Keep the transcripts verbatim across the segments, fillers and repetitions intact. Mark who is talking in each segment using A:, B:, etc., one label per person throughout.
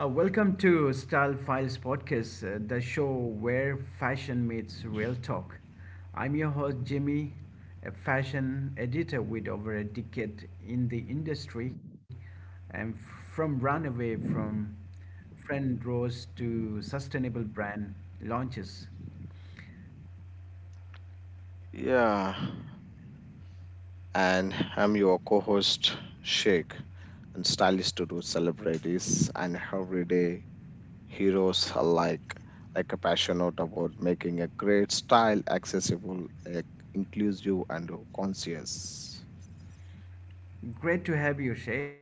A: Uh, welcome to Style Files podcast, uh, the show where fashion meets real talk. I'm your host, Jimmy, a fashion editor with over a decade in the industry. And from runaway from friend rows to sustainable brand launches.
B: Yeah, and I'm your co host, Sheikh, and stylist to do celebrities and everyday heroes alike, like a passionate about making a great style accessible, like, inclusive, and conscious.
A: Great to have you, Sheikh.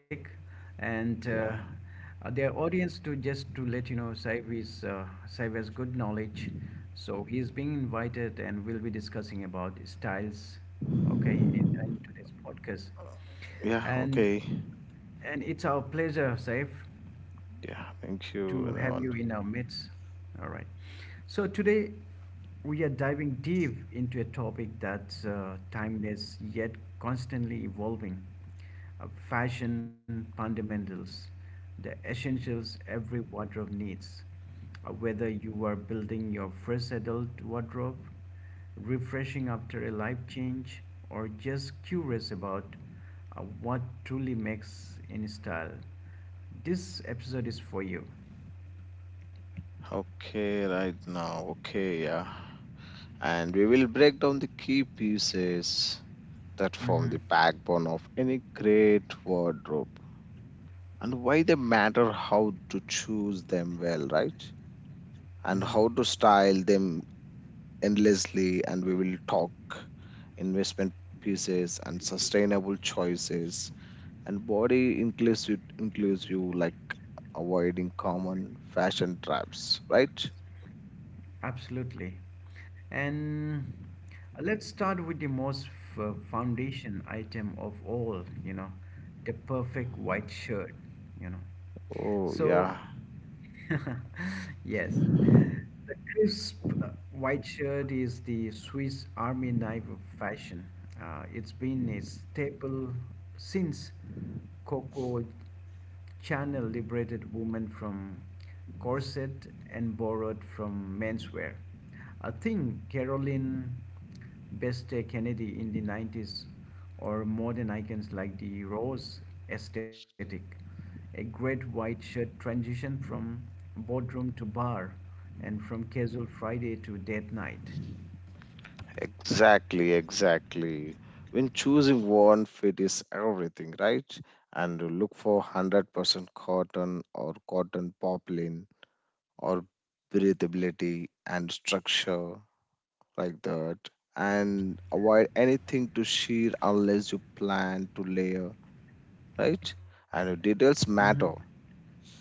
A: And uh,
B: Yeah,
A: uh, their audience, to just to let you know, Saif is uh, Saif has good knowledge, so he's being invited, and we'll be discussing about styles, okay, in, in today's podcast.
B: yeah,
A: And
B: okay.
A: and it's our pleasure, Saif,
B: Yeah, thank you,
A: to have
B: everyone.
A: you in our midst. All right. So today we are diving deep into a topic that's uh, timeless yet constantly evolving, uh, fashion fundamentals, the essentials every wardrobe needs. Uh, whether you are building your first adult wardrobe, refreshing after a life change, or just curious about uh, what truly makes in style. This episode is for you.
B: Okay, right now, okay, yeah. And we will break down the key pieces that form
A: Mm-hmm.
B: the backbone of any great wardrobe and why they matter, how to choose them well, right? And
A: Mm-hmm.
B: how to style them endlessly. And we will talk investment pieces and sustainable choices and body inclusive, inclusive like avoiding common fashion traps, right?
A: Absolutely. And let's start with the most f- foundation item of all, you know, the perfect white shirt, you know.
B: Oh,
A: So,
B: yeah,
A: yes, the crisp uh, white shirt is the Swiss Army knife of fashion. Uh, it's been a staple since Coco. Chanel liberated women from corset and borrowed from menswear. A thing, Caroline Beste Kennedy in the nineties or modern icons like the rose aesthetic, a great white shirt transition from boardroom to bar and from casual Friday to date night.
B: exactly, exactly. When choosing one fit is everything, right? And you look for one hundred percent cotton or cotton poplin or breathability and structure like that, and avoid anything to shear unless you plan to layer, right? And your details
A: Hmm.
B: matter,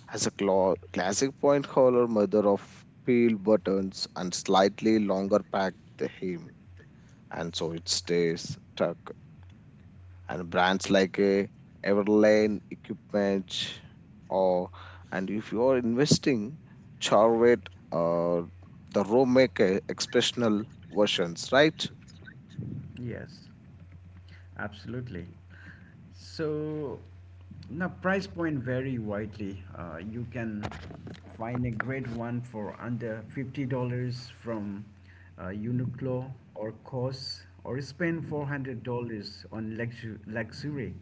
B: has a cla- classic point collar, mother of peeled buttons, and slightly longer packed hem, and so it stays tucked. And brands like uh, Everlane Equipment or, and if you are investing, Charvet or the Romaker expressional versions, right?
A: Yes, absolutely. So now price point vary widely. Uh, you can find a great one for under fifty dollars from uh, Uniqlo or COS, or spend four hundred dollars on luxu- luxury.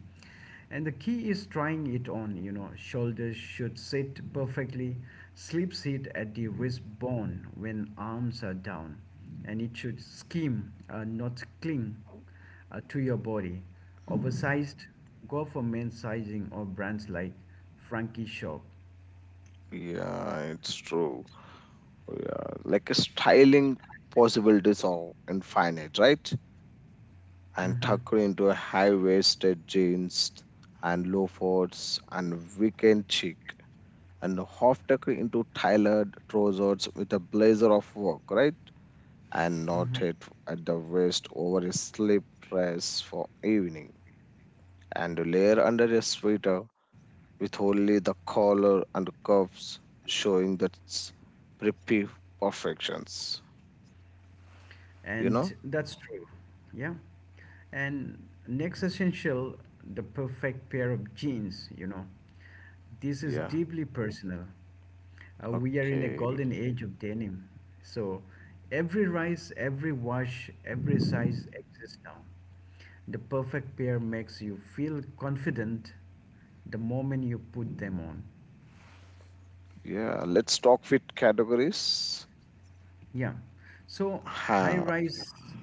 A: And the key is trying it on, you know. Shoulders should sit perfectly, sleeves hit at the wristbone when arms are down, and it should skim, uh, not cling uh, to your body. Oversized, go for men's sizing or brands like Frankie Shop.
B: Yeah, it's true. Yeah, like a styling possibilities are infinite, right? And
A: Mhm.
B: tucked into a high-waisted jeans and loafers and weekend chic, and half tucked into tailored trousers with a blazer of work, right? And knotted at the waist over his slip dress for evening, and a layer under his sweater with only the collar and cuffs showing the preppy perfections. You
A: And
B: know?
A: that's true. Yeah. And next essential, the perfect pair of jeans, you know. This is
B: Yeah.
A: deeply personal. Uh, we are in a
B: Okay.
A: golden age of denim. So every rise, every wash, every size exists now. The perfect pair makes you feel confident the moment you put them on.
B: Yeah. Let's talk fit categories.
A: Yeah. So high
B: Ha.
A: rise,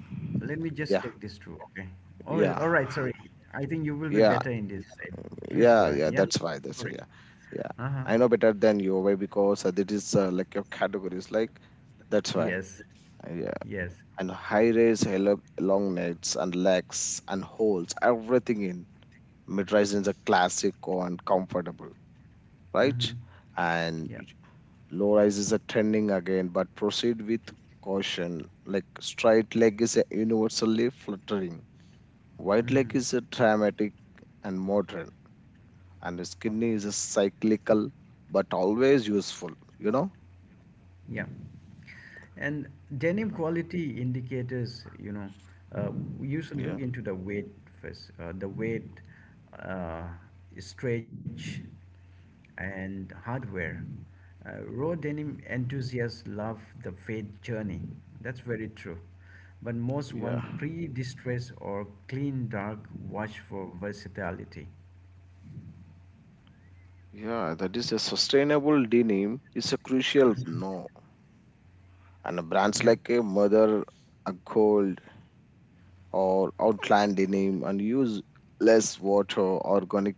A: let me just
B: Yeah.
A: take this through, okay? Oh, is-
B: Yeah.
A: all right. Sorry. I think you will be
B: Yeah.
A: better in this, Saif. Please go
B: Yeah.
A: ahead.
B: Yeah.
A: Yeah.
B: That's why. That's why. Yeah. Yeah.
A: Uh huh.
B: I know better than you why, because uh, it is uh, like your categories. Like, that's why.
A: Yes.
B: Yeah.
A: Yes.
B: And high raise hello- long nets and legs and holes everything in. Mid rise is a classic and comfortable,
A: Mm hmm.
B: right? And
A: Yeah.
B: low rise is a trending again, but proceed with caution. Like, straight leg is a universally fluttering, wide
A: Mm hmm.
B: leg is a dramatic and modern, and skinny is a cyclical but always useful, you know.
A: Yeah. And denim quality indicators, you know, uh, you should look
B: yeah
A: into the weight first, uh, the weight, uh, stretch, and hardware. Uh, raw denim enthusiasts love the fade journey. That's very true. But most
B: yeah
A: want pre distress or clean dark wash for versatility.
B: yeah, that is a sustainable denim is a crucial
A: Mhm.
B: no. And brands
A: Yeah.
B: like a mother, a gold, or outland denim, and use less water, organic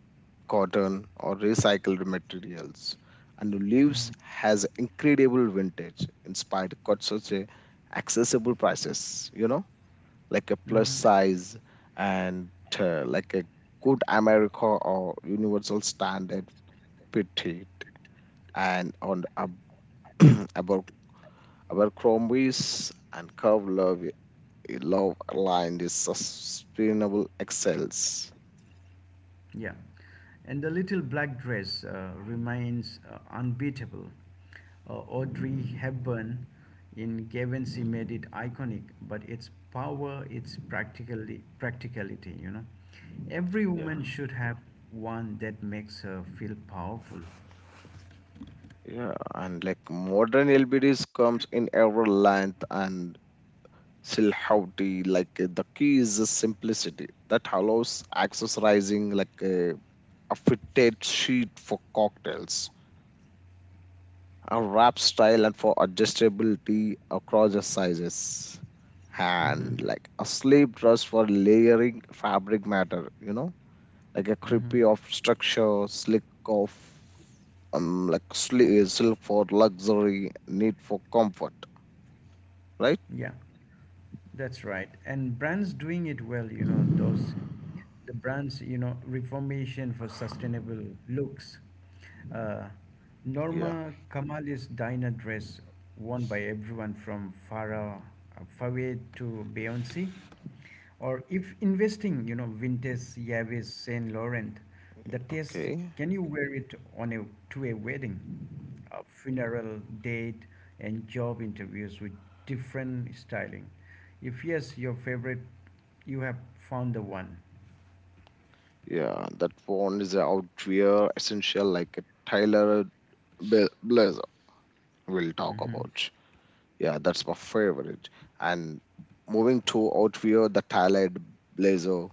B: cotton, or recycled materials. And leaves has incredible vintage inspired, got such a accessible prices, you know. Like a plus
A: Hmm.
B: size and uh, like a good america or universal standard, petite, and on ab- Aber- abercrombie's and curve love, love aligned is sustainable excels.
A: Yeah. And the little black dress uh, remains uh, unbeatable. Uh, Audrey Hepburn in Guernsey made it iconic, but its power, its practically practicality, you know. Every
B: Yeah.
A: woman should have one that makes her feel powerful.
B: Yeah, and like modern L B Ds comes in every length and silhouette. Like uh, the key is the simplicity that allows accessorizing, like uh, a fitted sheet for cocktails, a wrap style, and for adjustability across the sizes, and
A: Mm-hmm.
B: like a sleeve dress for layering fabric matter. You know, like a
A: Mm-hmm.
B: creepy of structure, slick of um, like sli- self for luxury, need for comfort, right?
A: Yeah, that's right. And brands doing it well, you know, those the brands, you know, Reformation for Sustainable Looks. Uh,
B: Yeah,
A: Norma Kamali's diner dress worn by everyone from Farah Fawade to Beyonce. Or if investing, you know, vintage Yavis Saint Laurent, the test,
B: okay,
A: can you wear it on a to a wedding? A funeral date and job interviews with different styling. If yes, your favorite, you have found the one.
B: yeah, that one is a outwear essential like a tyler Bla- blazer, we'll talk
A: Mm-hmm.
B: about. Yeah, that's my favorite. And moving to outwear, the tailored blazer,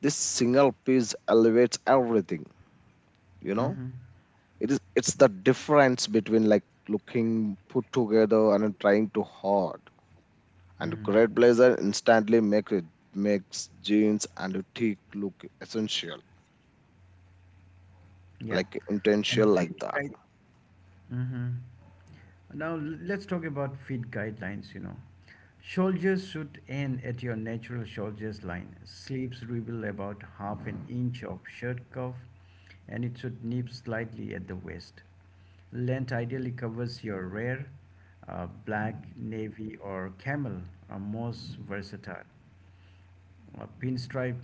B: this single piece elevates everything, you know.
A: Mm-hmm.
B: It is, it's the difference between like looking put together and trying too hard. And
A: Mm-hmm.
B: great blazer instantly make it, makes jeans and tee look essential,
A: Yeah.
B: like
A: And
B: intentional like
A: feed
B: that.
A: guide. Mm-hmm. Now l- let's talk about feed guidelines. You know, shoulders should end at your natural shoulders line. Sleeves reveal about half an inch of shirt cuff, and it should nip slightly at the waist. Length ideally covers your rare, uh, black, navy, or camel are most versatile. Uh, pinstripe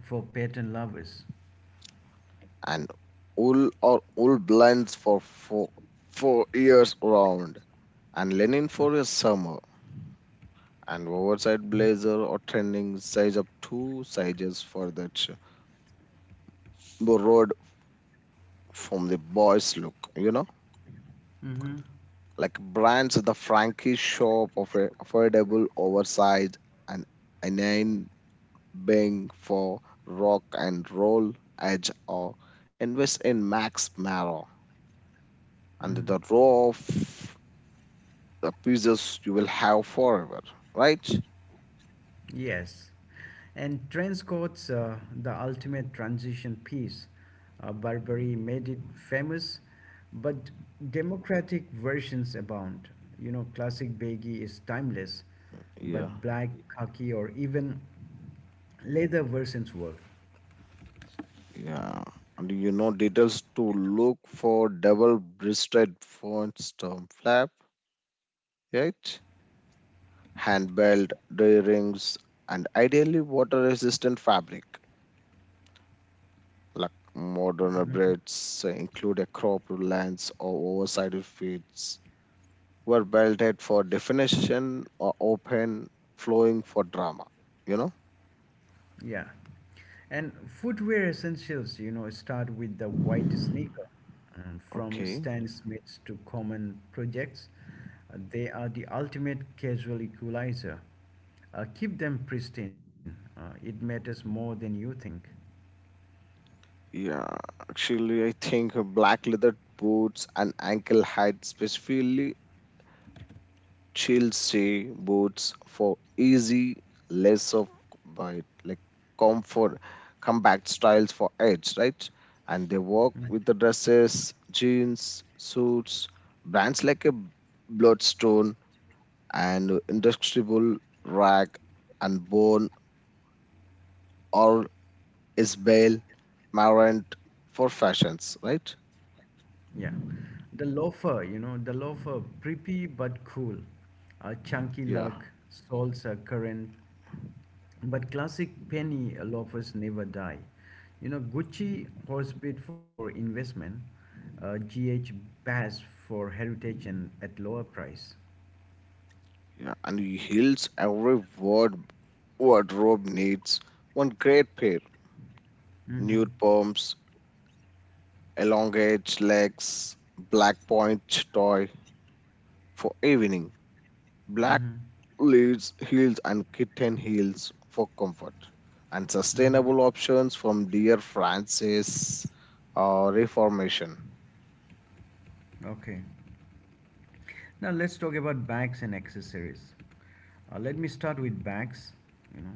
A: for pattern lovers.
B: And wool or wool blends for four, four years round, and linen for a summer. And oversized blazer or trending, size up two sizes for that sh- borrowed from the boys look, you know?
A: Mm-hmm.
B: Like brands the Frankie shop of a affordable oversized, and inane Bang for rock and roll edge, or invest in Max Mara and
A: Mm,
B: the row of the pieces you will have forever, right?
A: yes. And trench coats, uh, the ultimate transition piece. Uh, Burberry made it famous, but democratic versions abound. You know, classic baggy is timeless,
B: Yeah,
A: but black, khaki, or even leather versions work.
B: yeah. And you know details to look for, double breasted font storm flap, right? Hand belt, day rings, and ideally water resistant fabric. Like modern upgrades include a crop lens or oversized fits, were belted for definition or open flowing for drama, you know.
A: Yeah. And footwear essentials, you know, start with the white sneaker. Um, from
B: Okay.
A: Stan Smiths to common projects, uh, they are the ultimate casual equalizer. Uh, keep them pristine. Uh, it matters more than you think.
B: Yeah, actually I think uh, black leather boots, and ankle height specifically chelsea boots for easy, less of by like comfort, compact styles for edge, right? And they work
A: Mm.
B: with the dresses, jeans, suits. Brands like a bloodstone and indestructible, rag and bone, or Isabel Marant for fashions, right?
A: Yeah. The loafer, you know, the loafer, preppy but cool. Uh, chunky
B: Yeah,
A: lug soles are current. But classic penny loafers never die. You know, Gucci horsebit for investment, uh, G H Bass for heritage and at lower price.
B: yeah. And he heals every word wardrobe needs one great pair.
A: Mm-hmm.
B: Nude pumps, elongate legs, black point toy for evening. Black
A: Mm-hmm.
B: leads heels and kitten heels for comfort. And
A: Mm-hmm.
B: sustainable options from dear Francis, uh, Reformation.
A: Okay. Now let's talk about bags and accessories. Uh, let me start with bags. You know,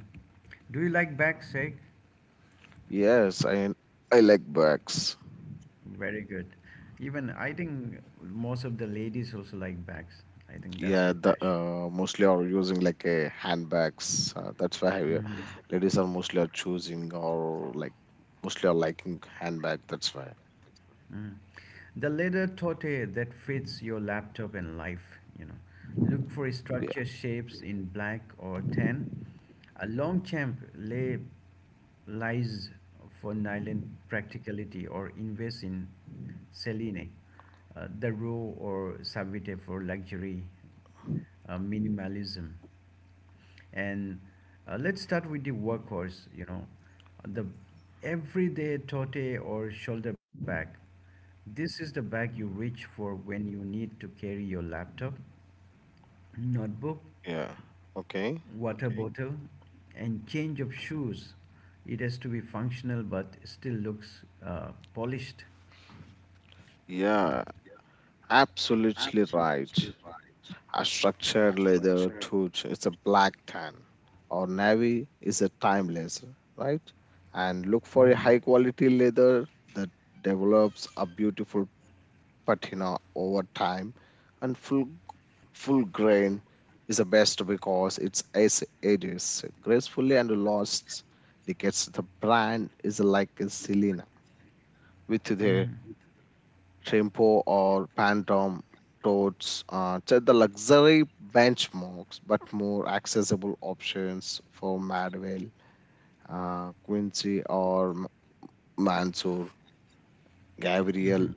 A: do you like bags, Sheikh?
B: Yes, I I like bags.
A: Very good. Even I think most of the ladies also like bags. I think that's
B: Yeah,
A: their
B: the
A: passion.
B: uh, mostly are using like a handbags. Uh, that's why uh,
A: Mm-hmm.
B: ladies are mostly are choosing, or like mostly are liking handbag. That's why.
A: Mm. The leather tote that fits your laptop and life, you know. Look for
B: Yeah.
A: structure shapes in black or tan. A long champ lay lies for nylon practicality or invest in Celine, uh, the row or Savite for luxury uh, minimalism. And uh, let's start with the workhorse, you know, the everyday tote or shoulder bag. This is the bag you reach for when you need to carry your laptop, notebook,
B: Yeah. Okay.
A: water Okay. bottle, and change of shoes. It has to be functional but still looks uh, polished.
B: Yeah. Absolutely right. A structured leather tooth is a black tan, or navy is a timeless, right? And look for a
A: Mm,
B: high quality leather that develops a beautiful patina over time, and full full grain is the best because it's as ages gracefully and lasts decades. The brand is like a Selena with the
A: hmm,
B: tempo or phantom totes, uh, to the luxury benchmarks, but more accessible options for madwell, uh, quincy, or M- mansoor gabriel,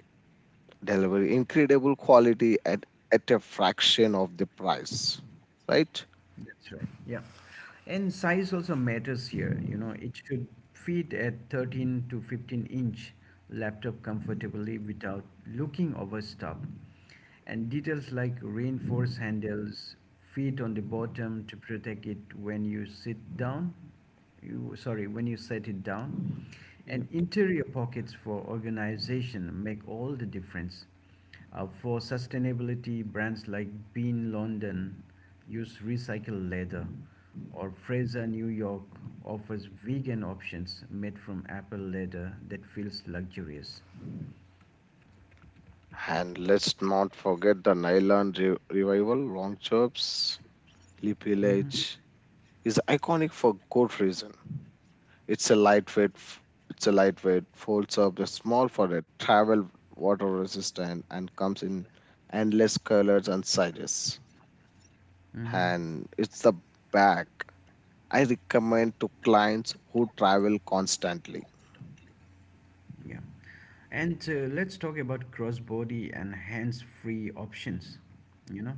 B: deliver incredible quality at, at a fraction of the price, right?
A: that's right. Yeah. And size also matters here. You know, it should fit at thirteen to fifteen inch laptop comfortably without looking overstuffed. And details like reinforced handles, feet on the bottom to protect it when you sit down. You sorry, when you set it down.
B: Yeah.
A: And interior pockets for organization make all the difference. Uh, for sustainability, brands like Bean London use recycled leather or Fraser, New York offers vegan options made from apple leather that feels luxurious.
B: And let's not forget the nylon re- revival, long chops, leap
A: Mhm,
B: village is iconic for good reason. It's a lightweight, f- it's a lightweight, folds up, the small for a travel, water resistant, and comes in endless colors and sizes.
A: mhm.
B: And it's the bag I recommend to clients who travel constantly.
A: Yeah. And uh, let's talk about crossbody and hands-free options, you know.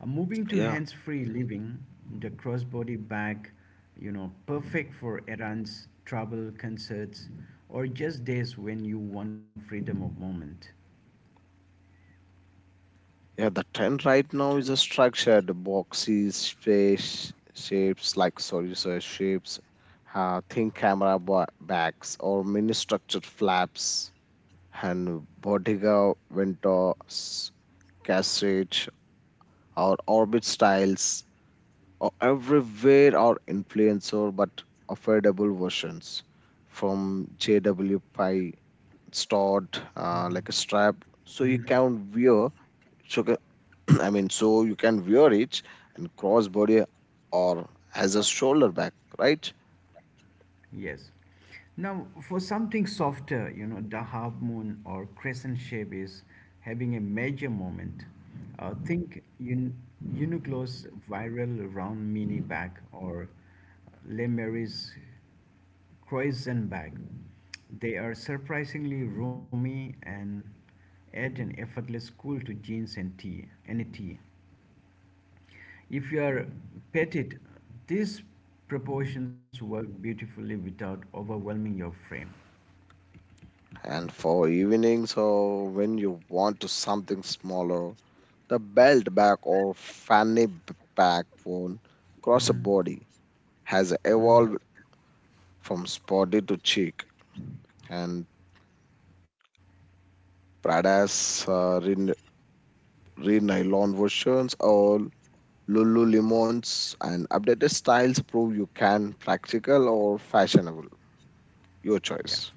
A: Uh, moving to
B: Yeah.
A: hands-free living, the crossbody bag, you know, perfect for errands, travel, concerts, or just days when you want freedom of moment.
B: Yeah, the trend right now is a structured boxes, space shapes like sorry, sorry shapes, uh, thin camera ba- bags or mini structured flaps, and Bottega Ventus cassette or orbit styles, or everywhere are influencer, but affordable versions from J W Pi stored, uh, like a strap so you can wear, so I mean, so you can wear it, and crossbody or as a shoulder bag, right?
A: Yes. Now, for something softer, you know, the half moon or crescent shape is having a major moment. Uh, think Un- Uniqlo's viral round mini bag or Le Mary's Croissant bag. They are surprisingly roomy and add an effortless cool to jeans and tea, any tea. If you are petted, these proportions work beautifully without overwhelming your frame.
B: And for evenings, or when you want to something smaller, the belt bag or fanny b- pack worn across a body has
A: Mhm.
B: evolved from spotty to chic. And Prada's uh, re- re- nylon versions, or Lululemon's and updated styles, prove you can practical or fashionable. Your
A: Yeah.
B: choice.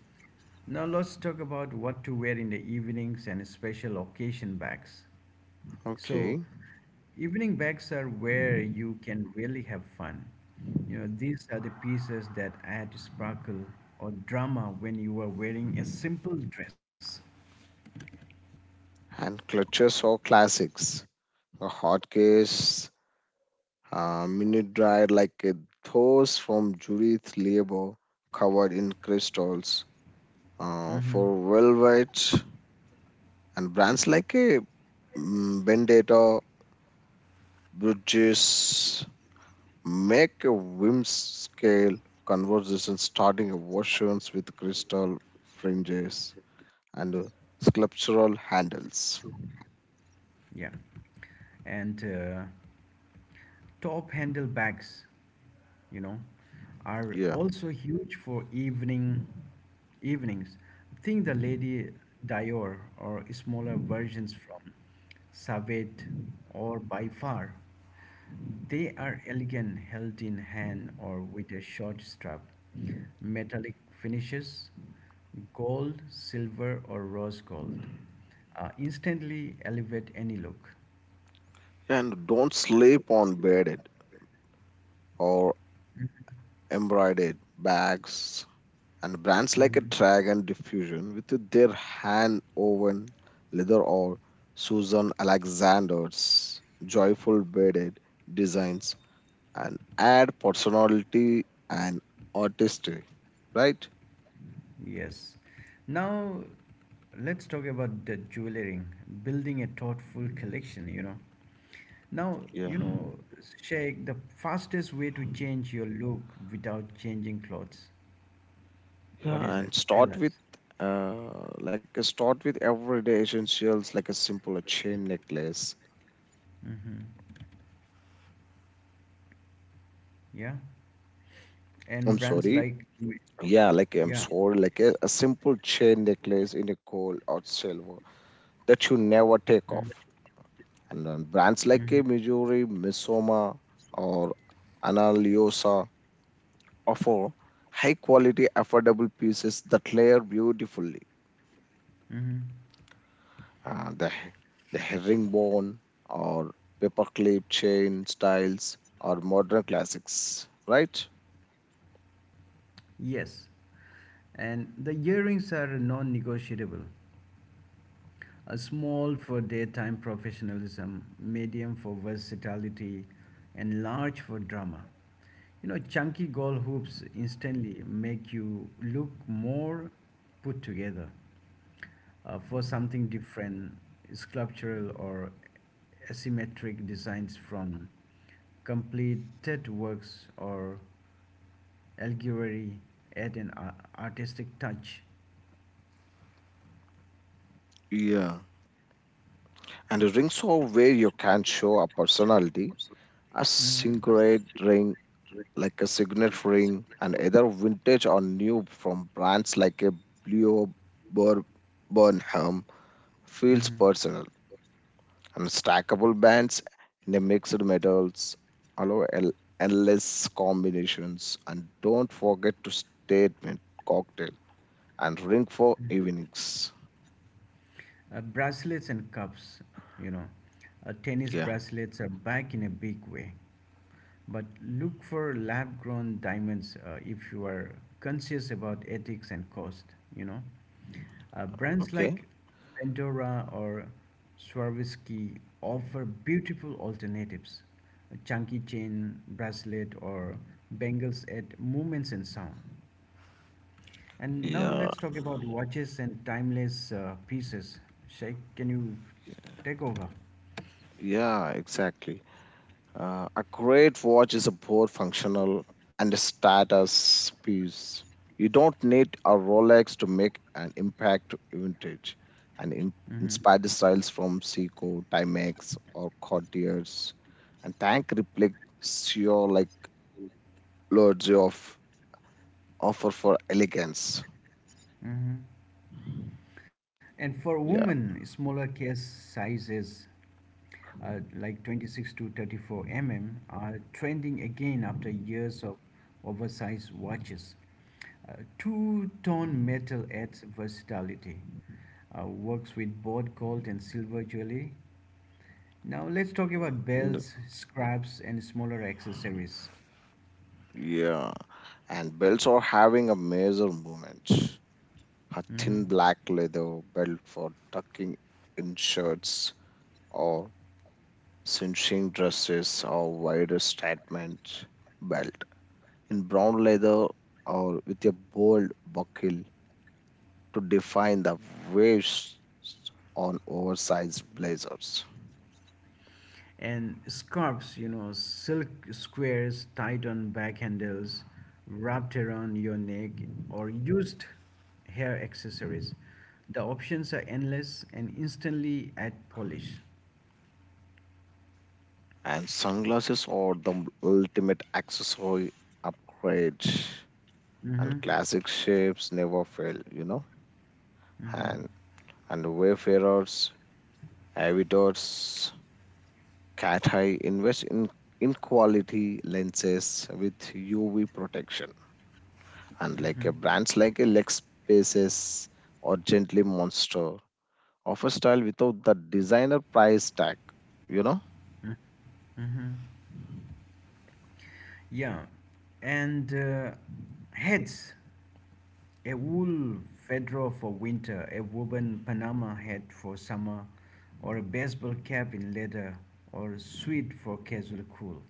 A: Now let's talk about what to wear in the evenings and special occasion bags. So,
B: Okay.
A: evening bags are where you can really have fun. You know, these are the pieces that add sparkle or drama when you are wearing a simple dress.
B: And clutches or classics. A hot case, uh, minute dryer like uh, those from Judith Lieber covered in crystals. Uh, for velvet and brands like a mm, Bendetta, Bridges, make a whim scale conversation starting versions with crystal fringes and uh, sculptural handles.
A: Yeah. And uh, top handle bags, you know, are
B: Yeah.
A: also huge for evening evenings. Think the Lady Dior or smaller versions from Savate or by far. They are elegant held in hand or with a short strap. Metallic finishes, gold, silver, or rose gold, uh, instantly elevate any look.
B: And don't sleep on bedded or embroidered bags. And brands like a
A: Mhm.
B: Dragon Diffusion with their hand woven leather, or Susan Alexander's joyful beaded designs, and add personality and artistry, right?
A: Yes. Now let's talk about the jewelry, building a thoughtful collection, you know. Now,
B: Yeah.
A: you know, Sheikh, the fastest way to change your look without changing clothes. What is
B: Yeah,
A: that?
B: and
A: Tell
B: start with
A: us.
B: uh, like a start with everyday essentials like a simple a chain necklace.
A: Hmm. Yeah. And
B: I'm
A: brands
B: sorry.
A: like,
B: Yeah, like I'm
A: yeah.
B: sorry, like a, a simple chain necklace in a gold or silver that you never
A: Mm-hmm.
B: take off. And then brands like
A: Mm-hmm.
B: a Missouri, Misoma, or Analiosa, offer high quality, affordable pieces that layer beautifully.
A: Mm-hmm.
B: Uh, the, the herringbone or paperclip chain styles are modern classics, right?
A: Yes. And the earrings are non negotiable. A small for daytime professionalism, medium for versatility, and large for drama. You know, chunky goal hoops instantly make you look more put together, uh, for something different, sculptural or asymmetric designs from completed works or allegory add an ar- artistic touch.
B: Yeah. And the rings are where you can show a personality. A
A: Mm-hmm.
B: singlet ring like a signet ring, and either vintage or new from brands like a Blue Bur- Burnham, feels
A: Hmm.
B: personal. And stackable bands in a mixed metals allow el- endless combinations. And don't forget to statement cocktail and ring for evenings.
A: Uh, bracelets and cuffs, you know. Uh, tennis
B: Yeah,
A: bracelets are back in a big way. But look for lab grown diamonds uh, if you are conscious about ethics and cost, you know. Uh, brands
B: okay,
A: like Pandora or Swarovski offer beautiful alternatives. A chunky chain, bracelet, or bangles at movements and sound. And now
B: yeah,
A: let's talk about watches and timeless uh, pieces. Sheikh, can you take over?
B: yeah, exactly. Uh, a great watch is a both functional and a status piece. You don't need a Rolex to make an impact. Vintage and in-
A: Hmm.
B: inspired styles from Seiko, Timex, or Cartier's. And Tank reflects your like loads of offer for elegance.
A: Hmm. And for
B: Yeah,
A: women, smaller case sizes uh, like twenty-six to thirty-four millimeters are trending again after years of oversized watches. Uh, Two tone metal adds versatility, uh, works with both gold and silver jewelry. Now let's talk about
B: mm,
A: belts, scraps, and smaller accessories.
B: yeah. And belts are having a major movement. A
A: Hmm.
B: thin black leather belt for tucking in shirts, or cinching dresses, or wide statement belt in brown leather, or with a bold buckle to define the waist on oversized blazers.
A: And scarves, you know, silk squares tied on back handles, wrapped around your neck, or used hair accessories. The options are endless and instantly add polish.
B: And sunglasses are the ultimate accessory upgrade.
A: Hmm.
B: And classic shapes never fail, you know.
A: Hmm.
B: And and wayfarers, aviators, Cat High invests in, in quality lenses with U V protection. Unlike a brands like a Lexpaces or Gently Monster, offer style without the designer price tag, you know?
A: Yeah, and uh, heads. A wool fedora for winter, a woven Panama hat for summer, or a baseball cap in leather, or a suit for casual cool.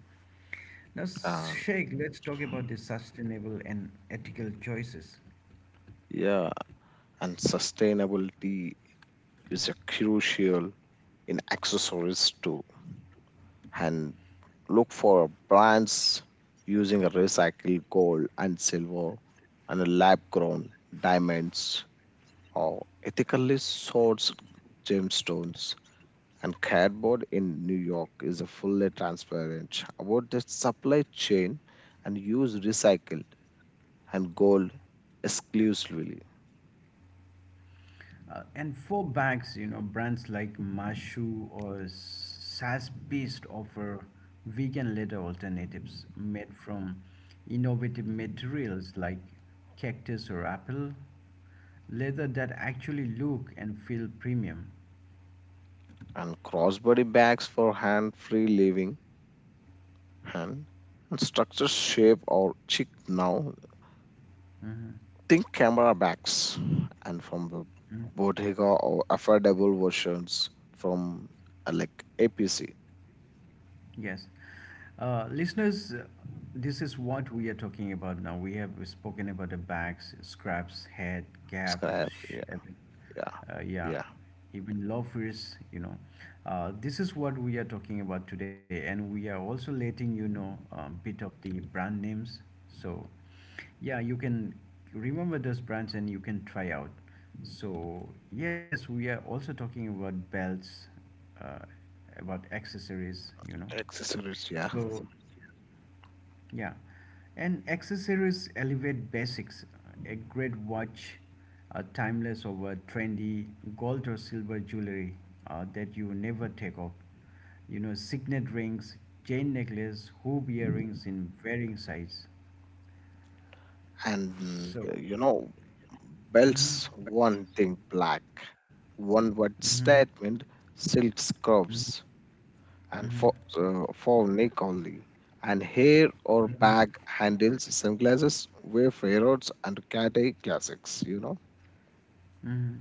A: Now,
B: And
A: Sheikh, let's talk about the sustainable and ethical choices.
B: yeah, and sustainability is a crucial in accessories too. And look for brands using recycled gold and silver, and lab grown diamonds, or ethically sourced gemstones. And cardboard in New York is a fully transparent about the supply chain, and use recycled and gold exclusively.
A: Uh, and for banks, you know, brands like Mashu or SaaS-based offer vegan leather alternatives made from innovative materials like cactus or apple, leather that actually look and feel premium.
B: And crossbody bags for hand free living, hand and structure shape or chick now, think camera bags, and from the
A: Mm.
B: Bottega, or affordable versions from uh, like A P C.
A: Yes. Uh, listeners, uh, this is what we are talking about now. We have spoken about the bags, scraps, head, cap,
B: Scraps,
A: sh-
B: yeah,
A: every,
B: yeah,
A: uh, yeah,
B: yeah,
A: even loafers, you know. Uh, this is what we are talking about today, and we are also letting you know a bit of the brand names. So, yeah, you can remember those brands and you can try out. So, yes, we are also talking about belts, uh, about accessories, you know.
B: accessories, yeah.
A: So, yeah. And accessories elevate basics. A great watch, a timeless over trendy gold or silver jewelry uh, that you never take off. You know, signet rings, chain necklace, hoop earrings in varying size.
B: And
A: So,
B: uh, you know, belts,
A: mm-hmm.
B: one thing black, one word
A: Mm-hmm.
B: statement, silk scrubs, and
A: Mm-hmm.
B: for uh, for neck only, and hair or bag handles, sunglasses, wayfair roads, and Cathay classics, you know.
A: Mm-hmm.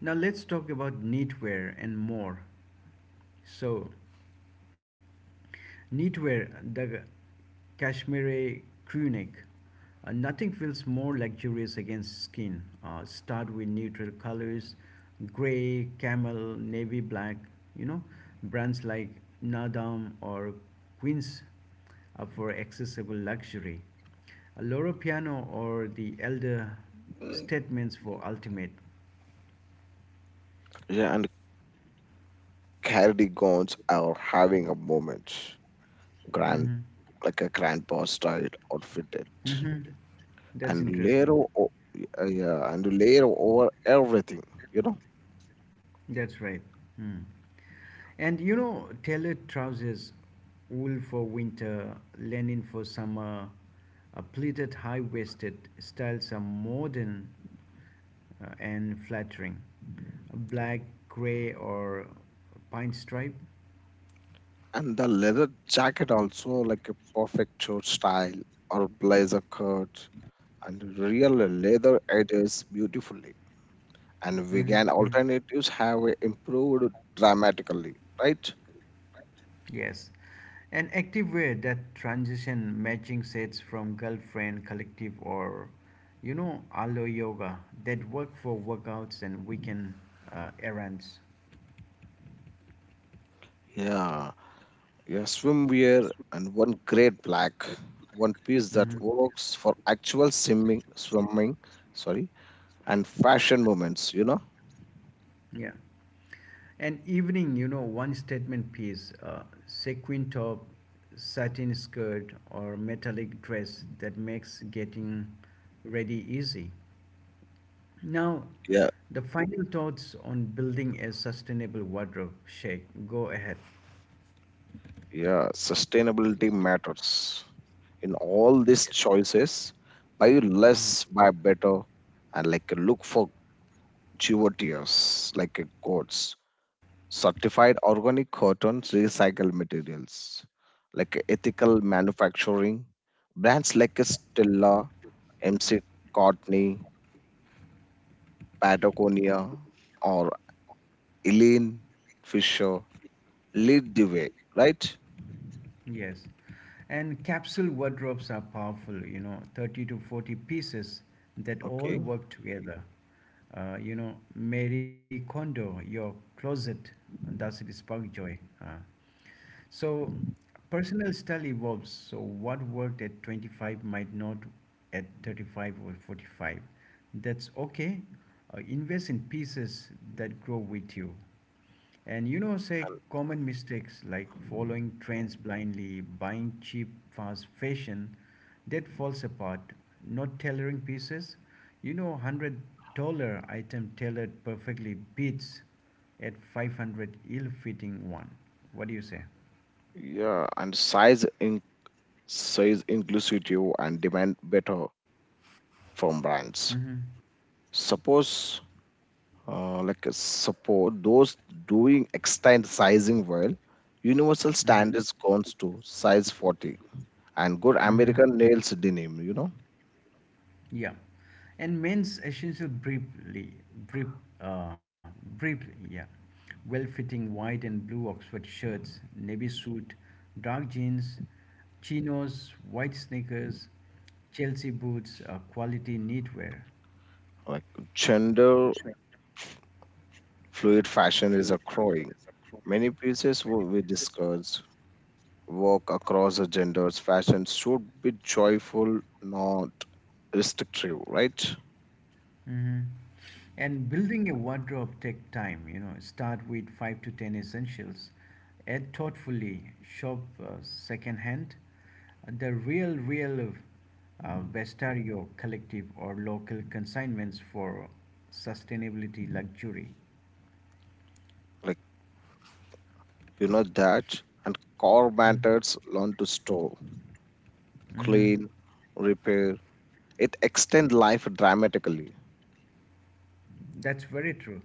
A: Now let's talk about knitwear and more. So, Knitwear, the cashmere crewneck. Uh, nothing feels more luxurious against skin. Uh, start with neutral colors, gray, camel, navy black, you know, brands like Nadam or Queens uh, for accessible luxury. A Loro Piano or the Elder Statements for ultimate.
B: Yeah, and cardigans are having a moment, grand,
A: Hmm.
B: like a grandpa style outfitted.
A: Hmm. That's
B: And mm, layer
A: interesting.
B: o- uh, yeah, and layer over everything, you know.
A: That's right. Mm. And you know, tailored trousers, wool for winter, linen for summer, uh, pleated high waisted styles are modern uh, and flattering. Black, gray, or pine stripe.
B: And the leather jacket also, like a perfect shirt style or blazer cut, and real leather edges beautifully. And vegan
A: Mhm.
B: alternatives have improved dramatically, right?
A: Yes. And active wear that transition matching sets from girlfriend, collective, or you know, aloe yoga that work for workouts and weekend uh, errands.
B: Yeah, yeah, swimwear, and one great black one piece that
A: Mhm.
B: works for actual swimming, swimming, sorry, and fashion moments, you know.
A: Yeah. An evening, you know, one statement piece, uh, sequin top, satin skirt, or metallic dress that makes getting ready easy. Now,
B: Yeah.
A: the final thoughts on building a sustainable wardrobe, Sheikh. Go ahead.
B: Yeah, sustainability matters in all these
A: Yes.
B: choices. Buy less, buy better, and like look for tears, like quotes, certified organic cotton, recycled materials, like ethical manufacturing. Brands like Stella, M C Courtney, Patagonia, or Eileen Fisher lead the way, right?
A: Yes. And capsule wardrobes are powerful, you know, thirty to forty pieces that all
B: Okay.
A: work together. Uh, you know, Mary Kondo, your closet, does it spark joy? Uh, So, Personal style evolves. So, what worked at twenty-five might not at thirty-five or forty-five. That's okay. Uh, invest in pieces that grow with you. And you know, say common mistakes like following trends blindly, buying cheap, fast fashion that falls apart, not tailoring pieces. You know, one hundred dollar item tailored perfectly beats at five hundred ill fitting one. What do you say?
B: Yeah, and size size inclusivity and demand better from brands,
A: Mm-hmm,
B: suppose uh, like uh, suppose those doing extend sizing well. Universal
A: you know
B: standards counts to size forty, and good
A: mm-hmm, mm-hmm. I,
B: american nails denim, you know.
A: Yeah. And men's essential briefly, brief, uh, briefly, yeah. Well-fitting white and blue Oxford shirts, navy suit, dark jeans, chinos, white sneakers, Chelsea boots, uh, quality knitwear.
B: Like gender f- fluid fashion is a growing, many pieces wo- we discuss work across the genders. Fashion should be joyful, not restrictive, right?
A: Mm-hmm. And building a wardrobe take time, you know, start with five to ten essentials, add thoughtfully, shop uh, secondhand. The real, real uh, Vestario collective or local consignments for sustainability luxury.
B: Like, you know that, and core
A: Mhm,
B: matters, learn to store,
A: mhm.
B: clean, repair. It extends life dramatically.
A: That's very true.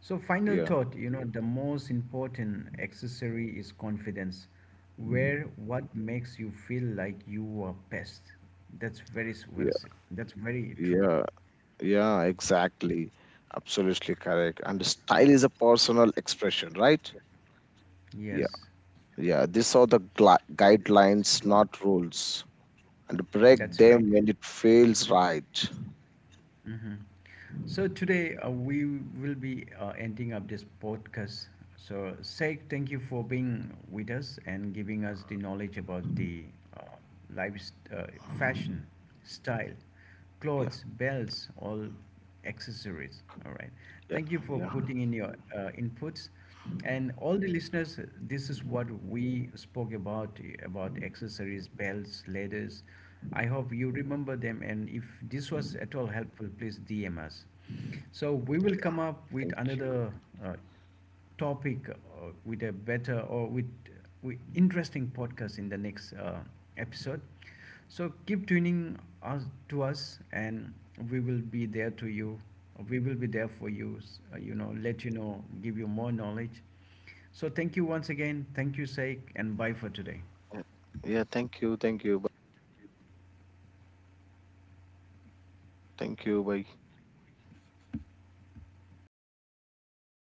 A: So,
B: Yeah,
A: final thought you know, the most important accessory is confidence. Wear what makes you feel like you are best. That's very s- well
B: yeah,
A: said. That's very true.
B: yeah, yeah, exactly. Absolutely correct. And style is a personal expression, right? Yeah,
A: Yes,
B: yeah. These are the gla- guidelines, not rules, and break
A: that's right.
B: them when it feels right.
A: Hmm. So today uh, we will be uh, ending up this podcast. So Sheikh, thank you for being with us and giving us the knowledge about the uh, life, st- uh, fashion, style,
B: Yeah,
A: clothes, belts, all accessories. All right.
B: yeah,
A: Thank you for
B: yeah.
A: putting in your uh, inputs. And all the listeners, this is what we spoke about about accessories, belts, leathers. I hope you remember them. And if this was at all helpful, please D M us. So we will come up with
B: Thank you.
A: another uh, topic uh, with a better or with, with interesting podcast in the next uh, episode. So keep tuning us to us, and we will be there to you. We will be there for you. S- uh, You know, let you know, give you more knowledge. So thank you once again. Thank you, Saik, and bye for today.
B: Yeah, yeah, thank you. Thank you. Bye. Thank you. Bye.